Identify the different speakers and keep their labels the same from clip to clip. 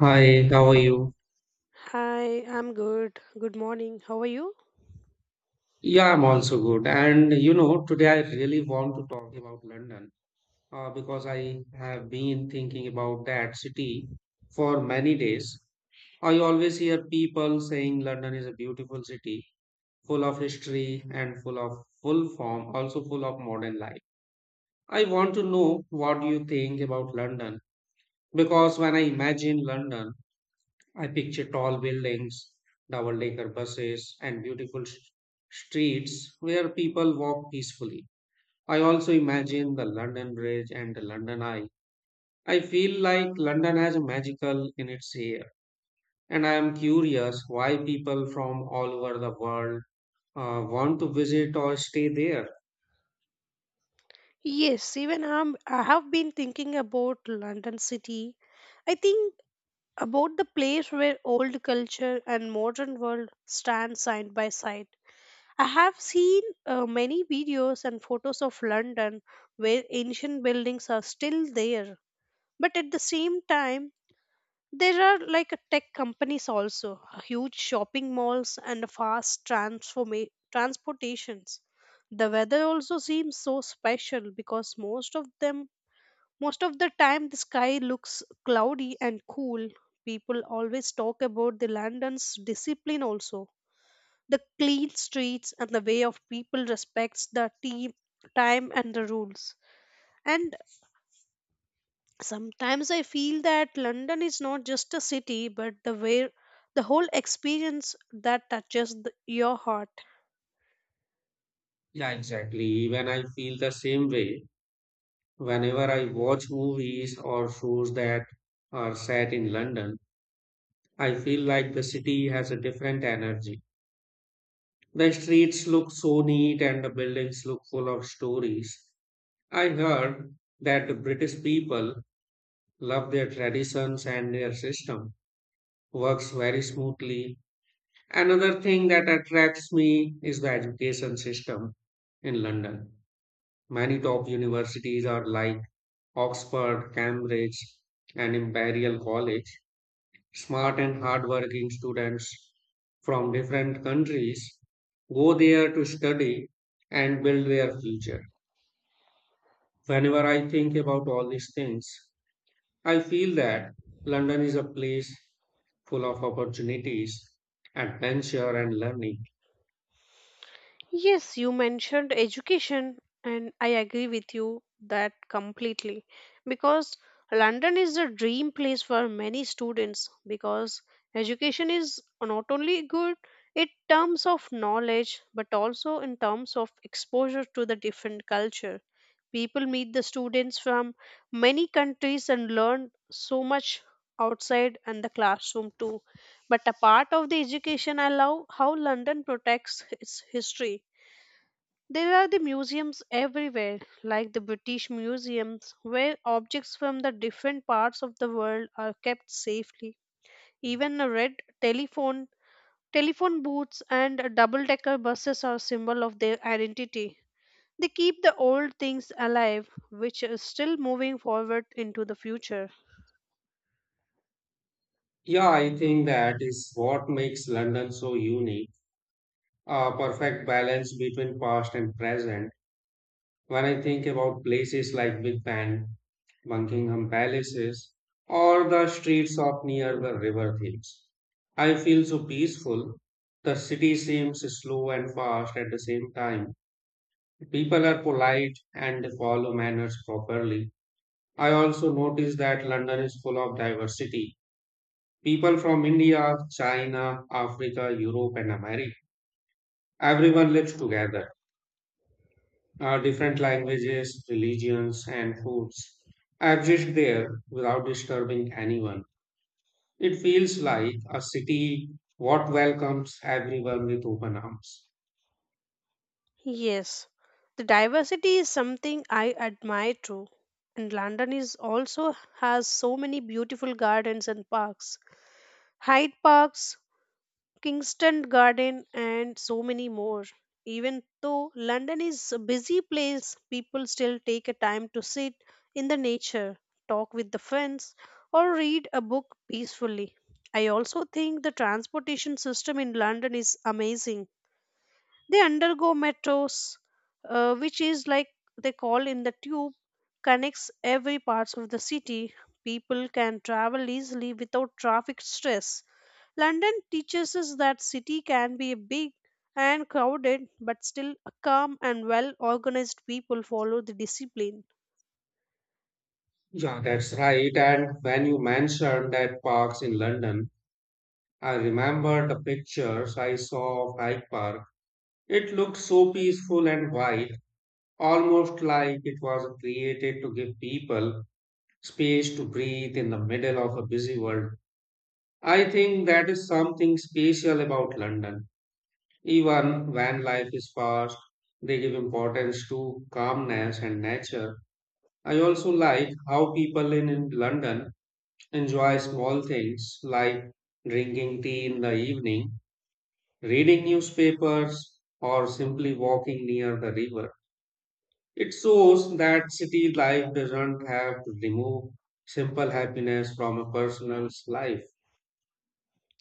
Speaker 1: Hi, how are you?
Speaker 2: Hi, I'm good. Good morning. How are you?
Speaker 1: Yeah, I'm also good. And today I really want to talk about London, because I have been thinking about that city for many days. I always hear people saying London is a beautiful city, full of history and full of full form, also full of modern life. I want to know what you think about London because when I imagine London, I picture tall buildings, double decker buses, and beautiful streets where people walk peacefully. I also imagine the London Bridge and the London Eye. I feel like London has a magical in its air, and I am curious why people from all over the world want to visit or stay there.
Speaker 2: Yes, even I have been thinking about London city. I think about the place where old culture and modern world stand side by side. I have seen many videos and photos of London where ancient buildings are still there, but at the same time, there are like a tech companies also, huge shopping malls and fast transportations. The weather also seems so special because most of the time the sky looks cloudy and cool. People always talk about the London's discipline also. The clean streets and the way of people respects the team time and the rules. And sometimes I feel that London is not just a city, but the way the whole experience that touches the, your heart.
Speaker 1: Yeah, exactly. Even I feel the same way whenever I watch movies or shows that are set in London. I feel like the city has a different energy. The streets look so neat and the buildings look full of stories. I heard that the British people love their traditions and their system works very smoothly. Another thing that attracts me is the education system in London. Many top universities are like Oxford, Cambridge, and Imperial College. Smart and hardworking students from different countries go there to study and build their future. Whenever I think about all these things, I feel that London is a place full of opportunities, adventure, and learning.
Speaker 2: Yes, you mentioned education, and I agree with you that completely because London is a dream place for many students because education is not only good in terms of knowledge but also in terms of exposure to the different culture. People meet the students from many countries and learn so much outside and the classroom too. But a part of the education, I love how London protects its history, there are the museums everywhere, like the British museums, where objects from the different parts of the world are kept safely. Even a red telephone, telephone booths, and double-decker buses are symbol of their identity. They keep the old things alive, which is still moving forward into the future.
Speaker 1: Yeah, I think that is what makes London so unique, a perfect balance between past and present. When I think about places like Big Ben, Buckingham Palaces, or the streets of near the River Thames, I feel so peaceful. The city seems slow and fast at the same time. People are polite and they follow manners properly. I also notice that London is full of diversity. People from India, China, Africa, Europe, and America. Everyone lives together, different languages, religions, and foods exist there without disturbing anyone. It feels like a city what welcomes everyone with open arms.
Speaker 2: Yes, the diversity is something I admire too. And London is also has so many beautiful gardens and parks. Hyde Parks, Kingston Garden, and so many more. Even though London is a busy place, people still take a time to sit in the nature, talk with the friends, or read a book peacefully. I also think the transportation system in London is amazing, they undergo metros, which is like they call in the tube, connects every parts of the city. People can travel easily without traffic stress. London teaches us that city can be big and crowded, but still a calm and well organized people follow the discipline.
Speaker 1: Yeah, that's right. And when you mentioned that parks in London, I remember the pictures I saw of Hyde Park. It looked so peaceful and wide, almost like it was created to give people space to breathe in the middle of a busy world. I think that is something special about London. Even when life is fast, they give importance to calmness and nature. I also like how people in London enjoy small things like drinking tea in the evening, reading newspapers, or simply walking near the river. It shows that city life doesn't have to remove simple happiness from a person's life.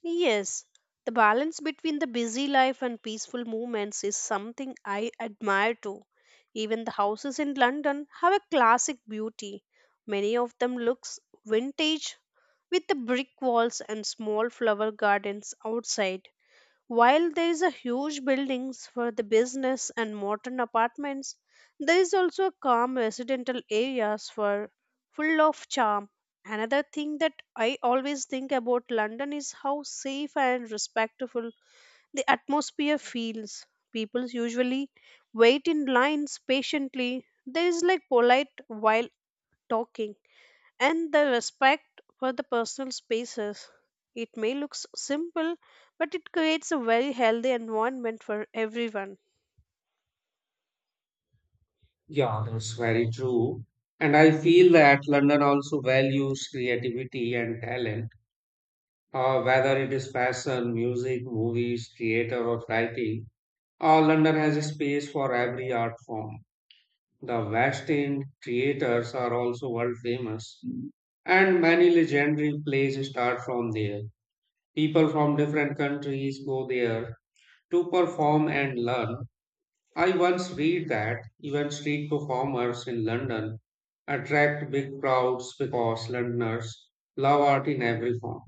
Speaker 2: Yes, the balance between the busy life and peaceful movements is something I admire too. Even the houses in London have a classic beauty. Many of them looks vintage with the brick walls and small flower gardens outside. While there is a huge buildings for the business and modern apartments, there is also a calm residential areas for full of charm. Another thing that I always think about London is how safe and respectful the atmosphere feels. People usually wait in lines patiently. There is like polite while talking and the respect for the personal spaces. It may look simple, but it creates a very healthy environment for everyone.
Speaker 1: Yeah, that's very true. And I feel that London also values creativity and talent, whether it is fashion, music, movies, theater, or writing. London has a space for every art form. The West End creators are also world famous, and many legendary plays start from there. People from different countries go there to perform and learn. I once read that even street performers in London attract big crowds because Londoners love art in every form.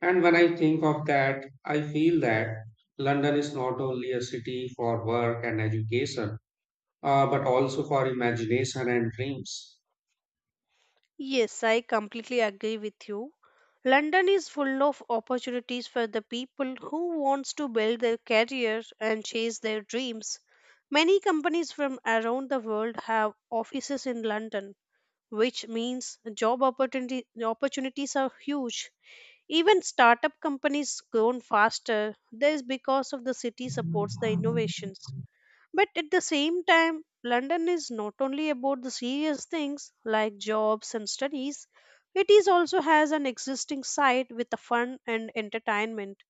Speaker 1: And when I think of that, I feel that London is not only a city for work and education, but also for imagination and dreams.
Speaker 2: Yes, I completely agree with you. London is full of opportunities for the people who wants to build their career and chase their dreams. Many companies from around the world have offices in London which means opportunities are huge. Even startup companies grown faster. This is because of the city supports the innovations. But at the same time, London is not only about the serious things like jobs and studies, it is also has an existing side with the fun and entertainment.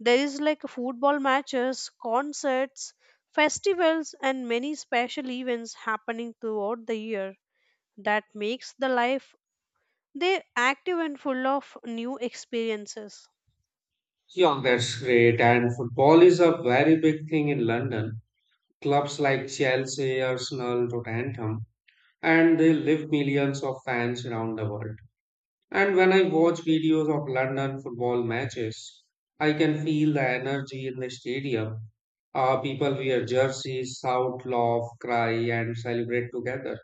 Speaker 2: There is like football matches, concerts, festivals, and many special events happening throughout the year that makes the life they're active and full of new experiences.
Speaker 1: Yeah, that's great. And football is a very big thing in London. Clubs like Chelsea, Arsenal, Tottenham, and they live millions of fans around the world. And when I watch videos of London football matches, I can feel the energy in the stadium. People wear jerseys, shout, laugh, cry, and celebrate together.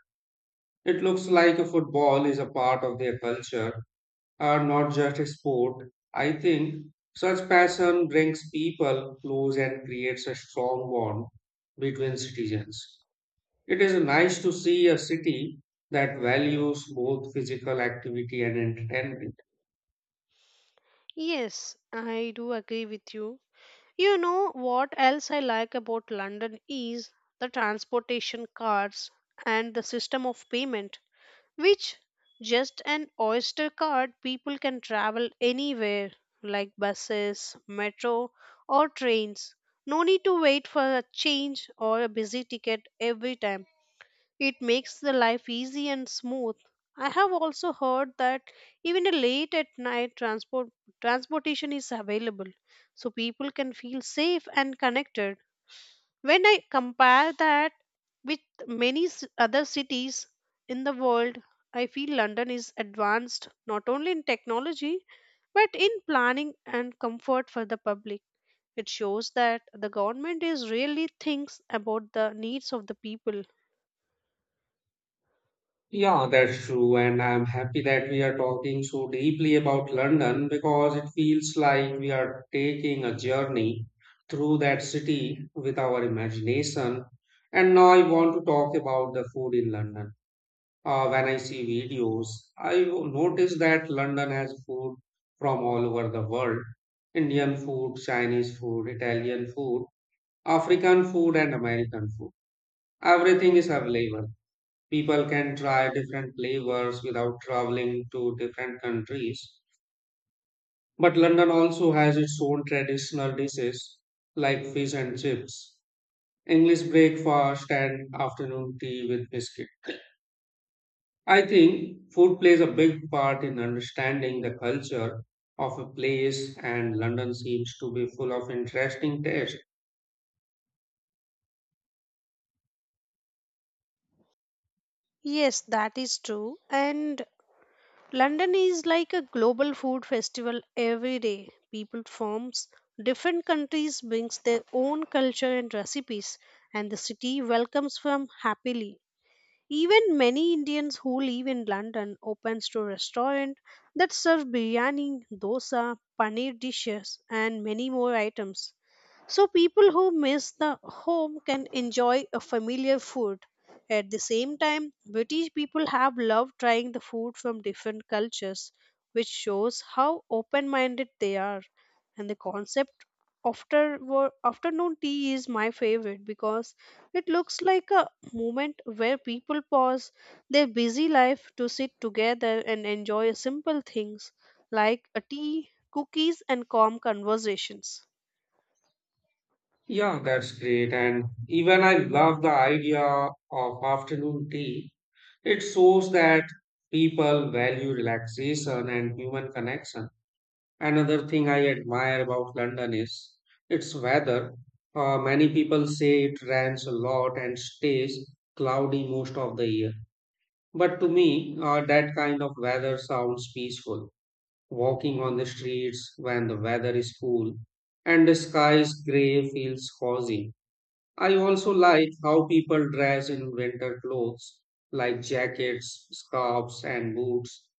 Speaker 1: It looks like a football is a part of their culture, not just a sport. I think such passion brings people close and creates a strong bond between citizens. It is nice to see a city that values both physical activity and entertainment.
Speaker 2: Yes, I do agree with you. You know what else I like about London is the transportation cards and the system of payment, which just an Oyster card people can travel anywhere like buses, metro, or trains. No need to wait for a change or a busy ticket every time. It makes the life easy and smooth. I have also heard that even a late at night transportation is available so people can feel safe and connected. When I compare that with many other cities in the world, I feel London is advanced not only in technology but in planning and comfort for the public. It shows that the government is really thinks about the needs of the people.
Speaker 1: Yeah, that's true. And I'm happy that we are talking so deeply about London because it feels like we are taking a journey through that city with our imagination. And now I want to talk about the food in London. When I see videos, I notice that London has food from all over the world. Indian food, Chinese food, Italian food, African food, and American food. Everything is available people can try different flavors without traveling to different countries. But London also has its own traditional dishes like fish and chips, English breakfast, and afternoon tea with biscuit. I think food plays a big part in understanding the culture of a place, and London seems to be full of interesting taste.
Speaker 2: Yes, that is true. And London is like a global food festival every day. People forms different countries brings their own culture and recipes and the city welcomes them happily. Even many Indians who live in London opens to restaurant that serve biryani, dosa, paneer dishes and many more items. So people who miss the home can enjoy a familiar food. At the same time, British people have loved trying the food from different cultures, which shows how open-minded they are. And the concept after afternoon tea is my favorite because it looks like a moment where people pause their busy life to sit together and enjoy simple things like a tea, cookies and calm conversations.
Speaker 1: Yeah, that's great. And even I love the idea of afternoon tea. It shows that people value relaxation and human connection. Another thing I admire about London is its weather. Many people say it rains a lot and stays cloudy most of the year. But to me, that kind of weather sounds peaceful. Walking on the streets when the weather is cool and the sky is grey feels cozy. I also like how people dress in winter clothes like jackets, scarves, and boots.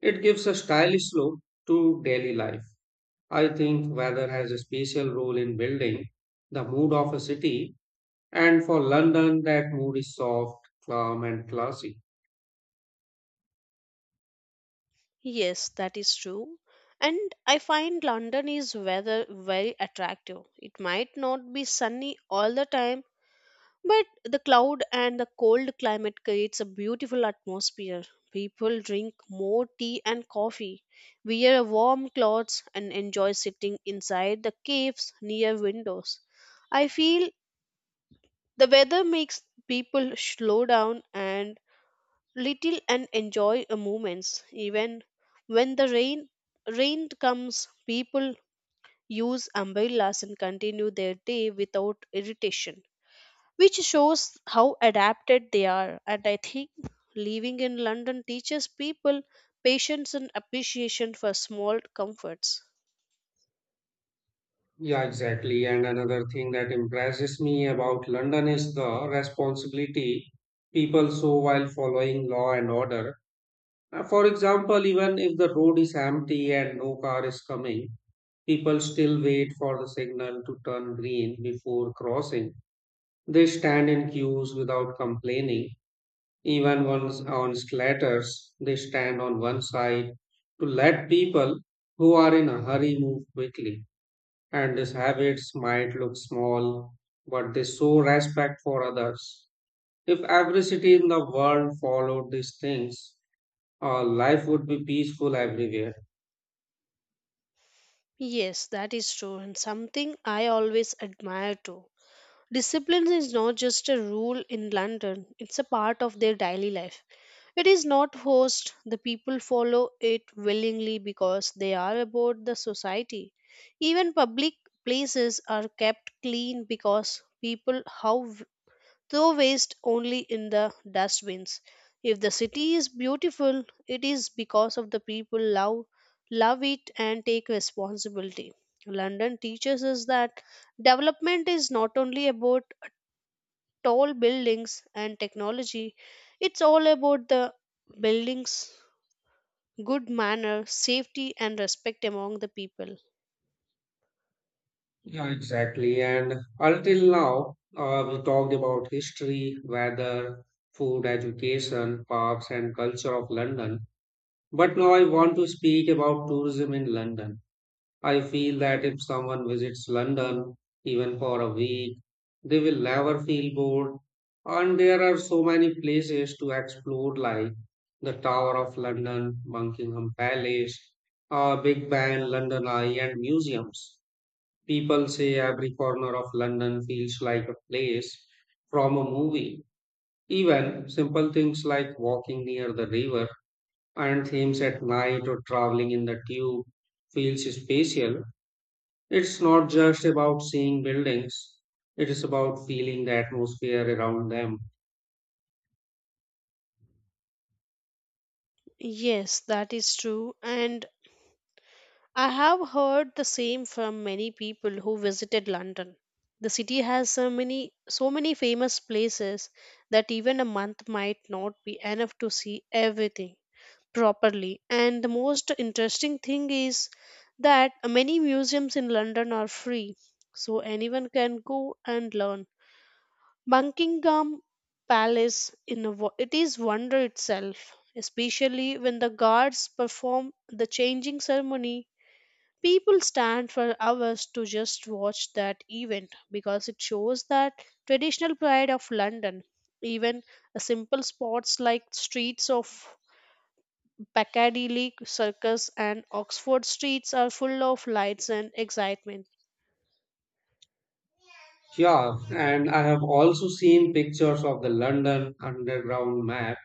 Speaker 1: It gives a stylish look to daily life. I think weather has a special role in building the mood of a city, and for London, that mood is soft, calm, and classy.
Speaker 2: Yes, that is true. And I find London is weather very attractive. It might not be sunny all the time, but the cloud and the cold climate creates a beautiful atmosphere. People drink more tea and coffee, wear warm clothes, and enjoy sitting inside the caves near windows. I feel the weather makes people slow down and little and enjoy a moments even when the rain comes people use umbrellas and continue their day without irritation, which shows how adapted they are. And I think living in London teaches people patience and appreciation for small comforts.
Speaker 1: Yeah, exactly. And another thing that impresses me about London is the responsibility people show while following law and order. For example, even if the road is empty and no car is coming, people still wait for the signal to turn green before crossing. They stand in queues without complaining. Even once on splatters, they stand on one side to let people who are in a hurry move quickly. And these habits might look small, but they show respect for others. If every city in the world followed these things, life would be peaceful everywhere.
Speaker 2: Yes, that is true, and something I always admire too. Discipline is not just a rule in London, it's a part of their daily life. It is not forced, the people follow it willingly because they are about the society. Even public places are kept clean because people how throw waste only in the dustbins. If the city is beautiful, it is because of the people love it and take responsibility. London teaches us that development is not only about tall buildings and technology, it's all about the buildings good manner, safety, and respect among the people.
Speaker 1: Yeah, exactly. And until now, we talked about history, weather, food, education, parks, and culture of London. But now I want to speak about tourism in London. I feel that if someone visits London, even for a week, they will never feel bored. And there are so many places to explore, like the Tower of London, Buckingham Palace, Big Ben, London Eye, and museums. People say every corner of London feels like a place from a movie. Even simple things like walking near the river and Thames at night or traveling in the tube feels spatial. It's not just about seeing buildings, it is about feeling the atmosphere around them.
Speaker 2: Yes, that is true. And I have heard the same from many people who visited London. The city has so many famous places that even a month might not be enough to see everything properly. And the most interesting thing is that many museums in London are free, so anyone can go and learn. Buckingham Palace it is wonder itself, especially when the guards perform the changing ceremony. People stand for hours to just watch that event because it shows that traditional pride of London. Even a simple spots like streets of Piccadilly Circus and Oxford streets are full of lights and excitement.
Speaker 1: Yeah, and I have also seen pictures of the London Underground map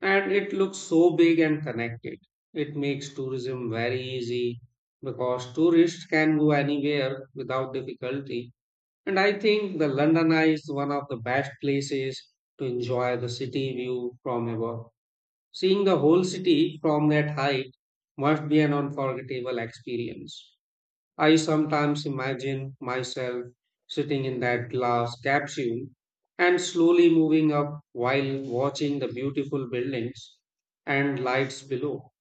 Speaker 1: and it looks so big and connected. It makes tourism very easy because tourists can go anywhere without difficulty. And I think the London Eye is one of the best places to enjoy the city view from above. Seeing the whole city from that height must be an unforgettable experience. I sometimes imagine myself sitting in that glass capsule and slowly moving up while watching the beautiful buildings and lights below.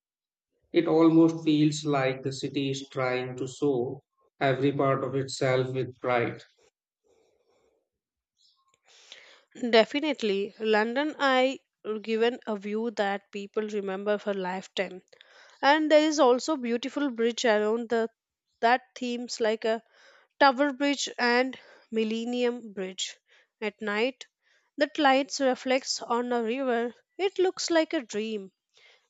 Speaker 1: It almost feels like the city is trying to show every part of itself with pride.
Speaker 2: Definitely, London I given a view that people remember for lifetime, and there is also beautiful bridge around the that themes like a Tower Bridge and Millennium Bridge. At night, that lights reflects on a river. It looks like a dream.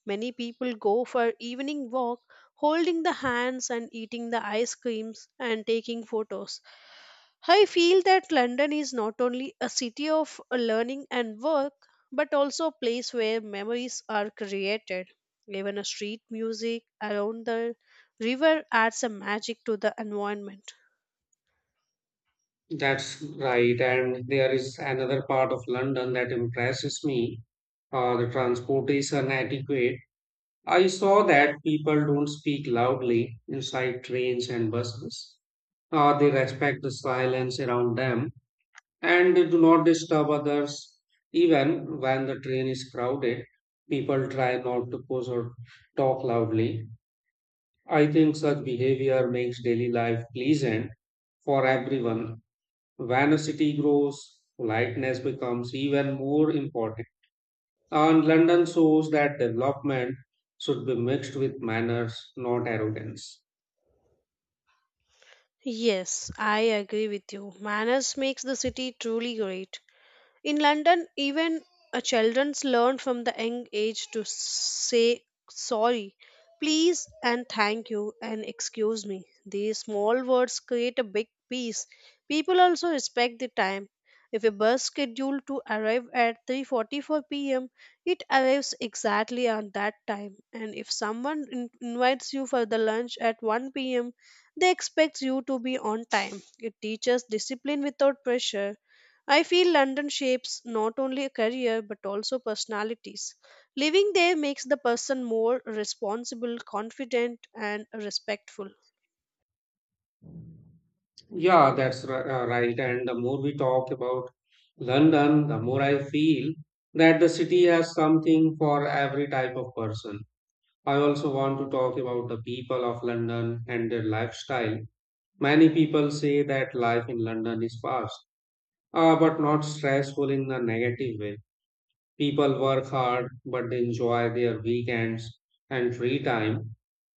Speaker 2: Many people go for evening walk, holding the hands and eating the ice creams and taking photos. I feel that London is not only a city of learning and work, but also a place where memories are created. Even a street music around the river adds a magic to the environment.
Speaker 1: That's right, and there is another part of London that impresses me, the transportation etiquette. I saw that people don't speak loudly inside trains and buses. They respect the silence around them and they do not disturb others. Even when the train is crowded, people try not to push or talk loudly. I think such behavior makes daily life pleasant for everyone. When a city grows, politeness becomes even more important. And London shows that development should be mixed with manners, not arrogance.
Speaker 2: Yes, I agree with you. Manners makes the city truly great. In London, even children learn from the young age to say sorry, please, and thank you, and excuse me. These small words create a big peace. People also respect the time. If a bus scheduled to arrive at 3:44 p.m., it arrives exactly on that time. And if someone invites you for the lunch at 1 p.m., they expect you to be on time. It teaches discipline without pressure. I feel London shapes not only a career but also personalities. Living there makes the person more responsible, confident, and respectful.
Speaker 1: Yeah, that's right. And the more we talk about London, the more I feel that the city has something for every type of person. I also want to talk about the people of London and their lifestyle. Many people say that life in London is fast, but not stressful in a negative way. People work hard, but they enjoy their weekends and free time.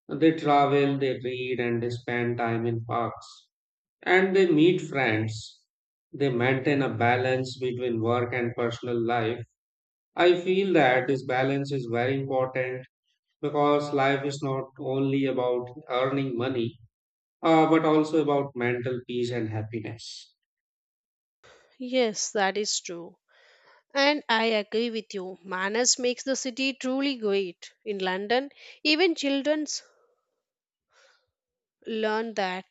Speaker 1: They travel, they read, and they spend time in parks and they meet friends. They maintain a balance between work and personal life. I feel that this balance is very important because life is not only about earning money, but also about mental peace and happiness.
Speaker 2: Yes, that is true. And I agree with you. Manners makes the city truly great. In London, even children learn that.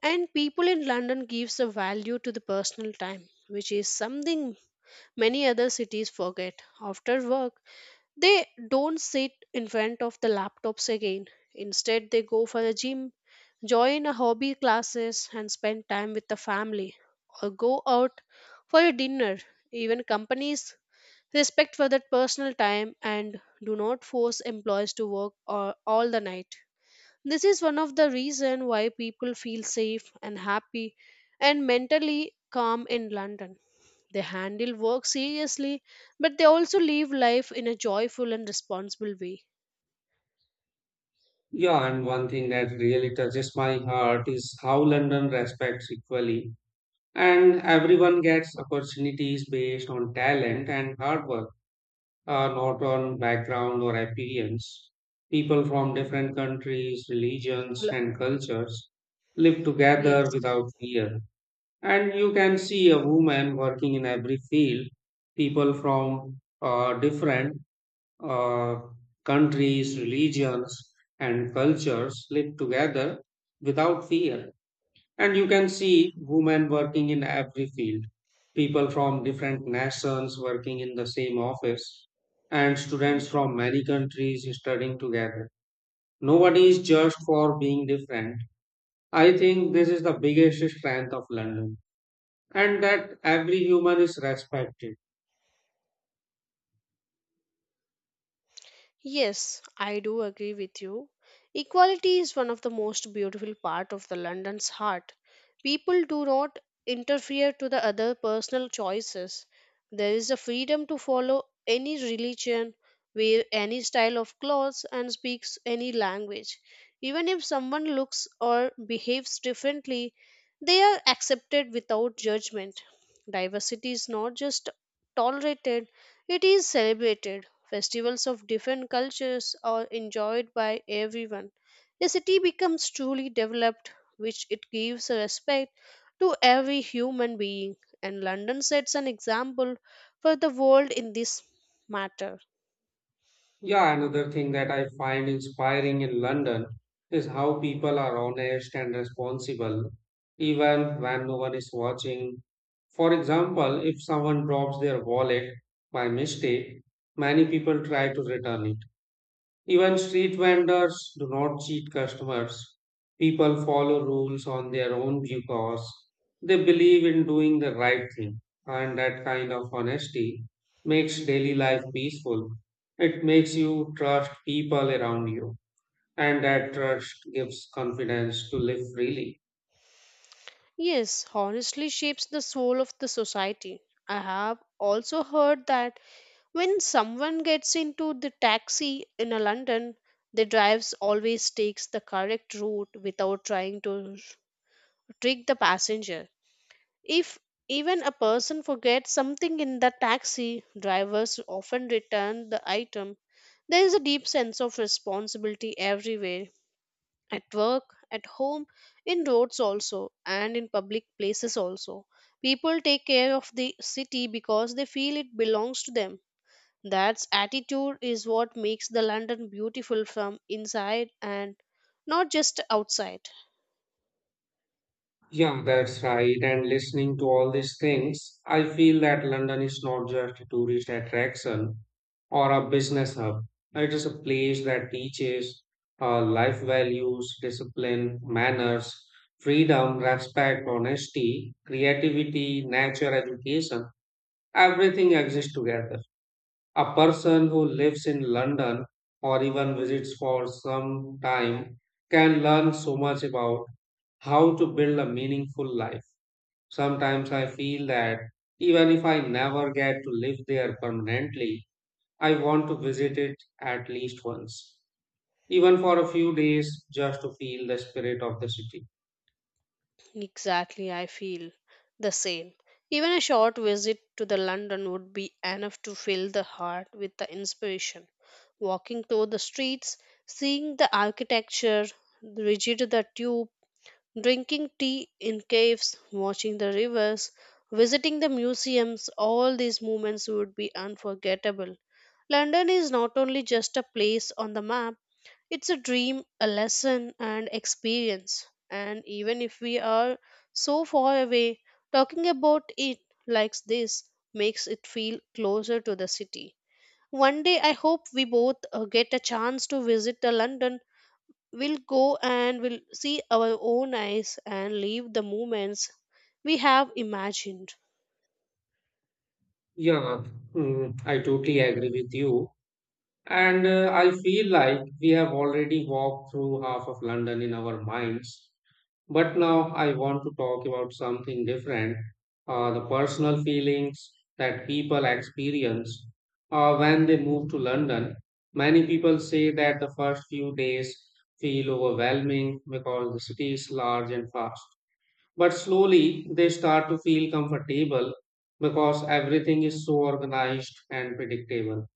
Speaker 2: And people in London gives a value to the personal time, which is something many other cities forget. After work, they don't sit in front of the laptops again. Instead, they go for a gym, join a hobby classes, and spend time with the family, or go out for a dinner. Even companies respect for that personal time and do not force employees to work or, all the night. This is one of the reason why people feel safe and happy and mentally calm in London. They handle work seriously, but they also live life in a joyful and responsible way.
Speaker 1: Yeah, and one thing that really touches my heart is how London respects equally, and everyone gets opportunities based on talent and hard work, not on background or appearance. People from different countries, religions,
Speaker 2: Hello.
Speaker 1: and cultures live together
Speaker 2: Yes.
Speaker 1: without fear. And you can see a woman working in every field, people from different uh, countries, religions, and cultures live together without fear. And you can see women working in every field, people from different nations working in the same office, and students from many countries studying together. Nobody is judged for being different. I think this is the biggest strength of London, and that every human is respected.
Speaker 2: Yes, I do agree with you. Equality is one of the most beautiful part of the London's heart. People do not interfere to the other personal choices. There is a freedom to follow any religion, wear any style of clothes and speaks any language. Even if someone looks or behaves differently, they are accepted without judgment. Diversity is not just tolerated, it is celebrated. Festivals of different cultures are enjoyed by everyone. The city becomes truly developed, which it gives respect to every human being, and London sets an example for the world in this matter.
Speaker 1: Yeah, another thing that I find inspiring in London is how people are honest and responsible, even when no one is watching. For example, if someone drops their wallet by mistake, many people try to return it. Even street vendors do not cheat customers. People follow rules on their own because they believe in doing the right thing. And that kind of honesty makes daily life peaceful. It makes you trust people around you. And that trust gives confidence to live freely.
Speaker 2: Yes, honestly shapes the soul of the society. I have also heard that when someone gets into the taxi in a London, the driver always takes the correct route without trying to trick the passenger. If even a person forgets something in the taxi, drivers often return the item. There is a deep sense of responsibility everywhere, at work, at home, in roads also, and in public places also. People take care of the city because they feel it belongs to them. That attitude is what makes the London beautiful from inside and not just outside.
Speaker 1: Yeah, that's right. And listening to all these things, I feel that London is not just a tourist attraction or a business hub. It is a place that teaches life values, discipline, manners, freedom, respect, honesty, creativity, nature, education. Everything exists together. A person who lives in London or even visits for some time can learn so much about how to build a meaningful life. Sometimes I feel that even if I never get to live there permanently, I want to visit it at least once, even for a few days just to feel the spirit of the city.
Speaker 2: Exactly, I feel the same. Even a short visit to the London would be enough to fill the heart with the inspiration. Walking through the streets, seeing the architecture, rigid the tube, drinking tea in caves, watching the rivers, visiting the museums, all these moments would be unforgettable. London is not only just a place on the map, it's a dream, a lesson, and experience. And even if we are so far away, talking about it like this makes it feel closer to the city. One day, I hope we both get a chance to visit the London. We'll go and we'll see our own eyes and leave the moments we have imagined.
Speaker 1: Yeah, I totally agree with you. And I feel like we have already walked through half of London in our minds, but now I want to talk about something different, the personal feelings that people experience, when they move to London. Many people say that the first few days feel overwhelming because the city is large and fast. But slowly they start to feel comfortable because everything is so organized and predictable.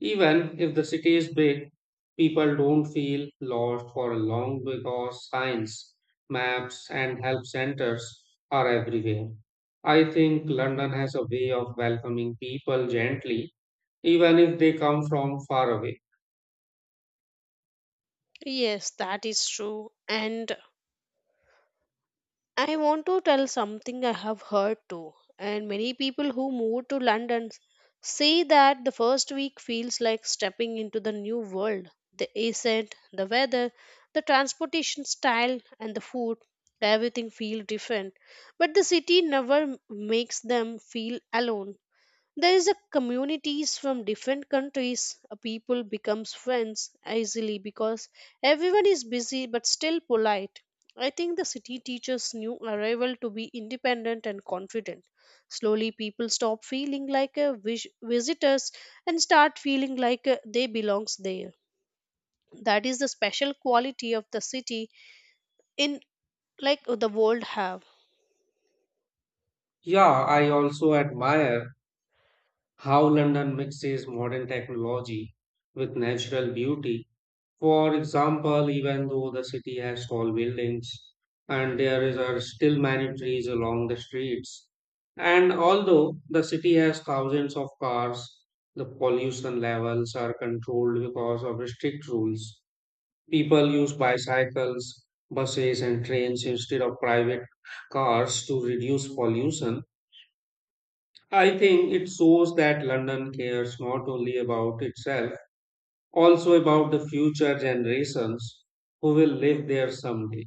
Speaker 1: Even if the city is big, people don't feel lost for long because signs, maps, and help centers are everywhere. I think London has a way of welcoming people gently, even if they come from far away.
Speaker 2: Yes, that is true. And I want to tell something I have heard too, and many people who move to London say that the first week feels like stepping into the new world. The accent, the weather, the transportation style, and the food, everything feels different. But the city never makes them feel alone. There is a communities from different countries. A people becomes friends easily because everyone is busy but still polite. I think the city teaches new arrival to be independent and confident. Slowly, people stop feeling like a visitors and start feeling like they belongs there. That is the special quality of the city in like the world have.
Speaker 1: Yeah, I also admire how London mixes modern technology with natural beauty. For example, even though the city has tall buildings and there is, are still many trees along the streets, and although the city has thousands of cars, the pollution levels are controlled because of strict rules. People use bicycles, buses, and trains instead of private cars to reduce pollution. I think it shows that London cares not only about itself also about the future generations who will live there someday.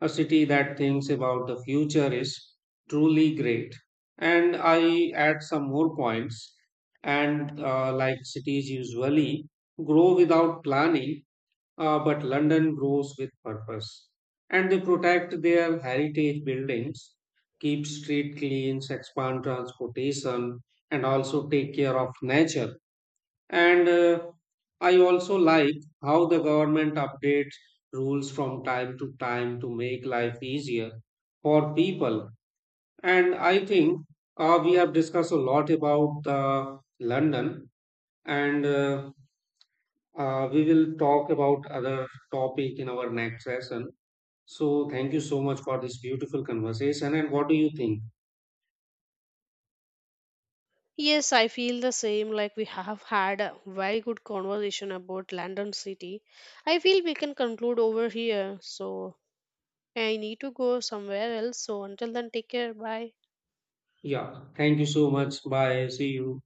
Speaker 1: A city that thinks about the future is truly great. And I add some more points. And like cities usually grow without planning, but London grows with purpose. And they protect their heritage buildings, keep street clean, expand transportation, and also take care of nature and I also like how the government updates rules from time to time to make life easier for people. And I think we have discussed a lot about the London, and we will talk about other topic in our next session. So thank you so much for this beautiful conversation. And what do you think?
Speaker 2: Yes, I feel the same. Like we have had a very good conversation about London City. I feel we can conclude over here. So I need to go somewhere else. So until then, take care. Bye.
Speaker 1: Yeah, thank you so much. Bye. See you.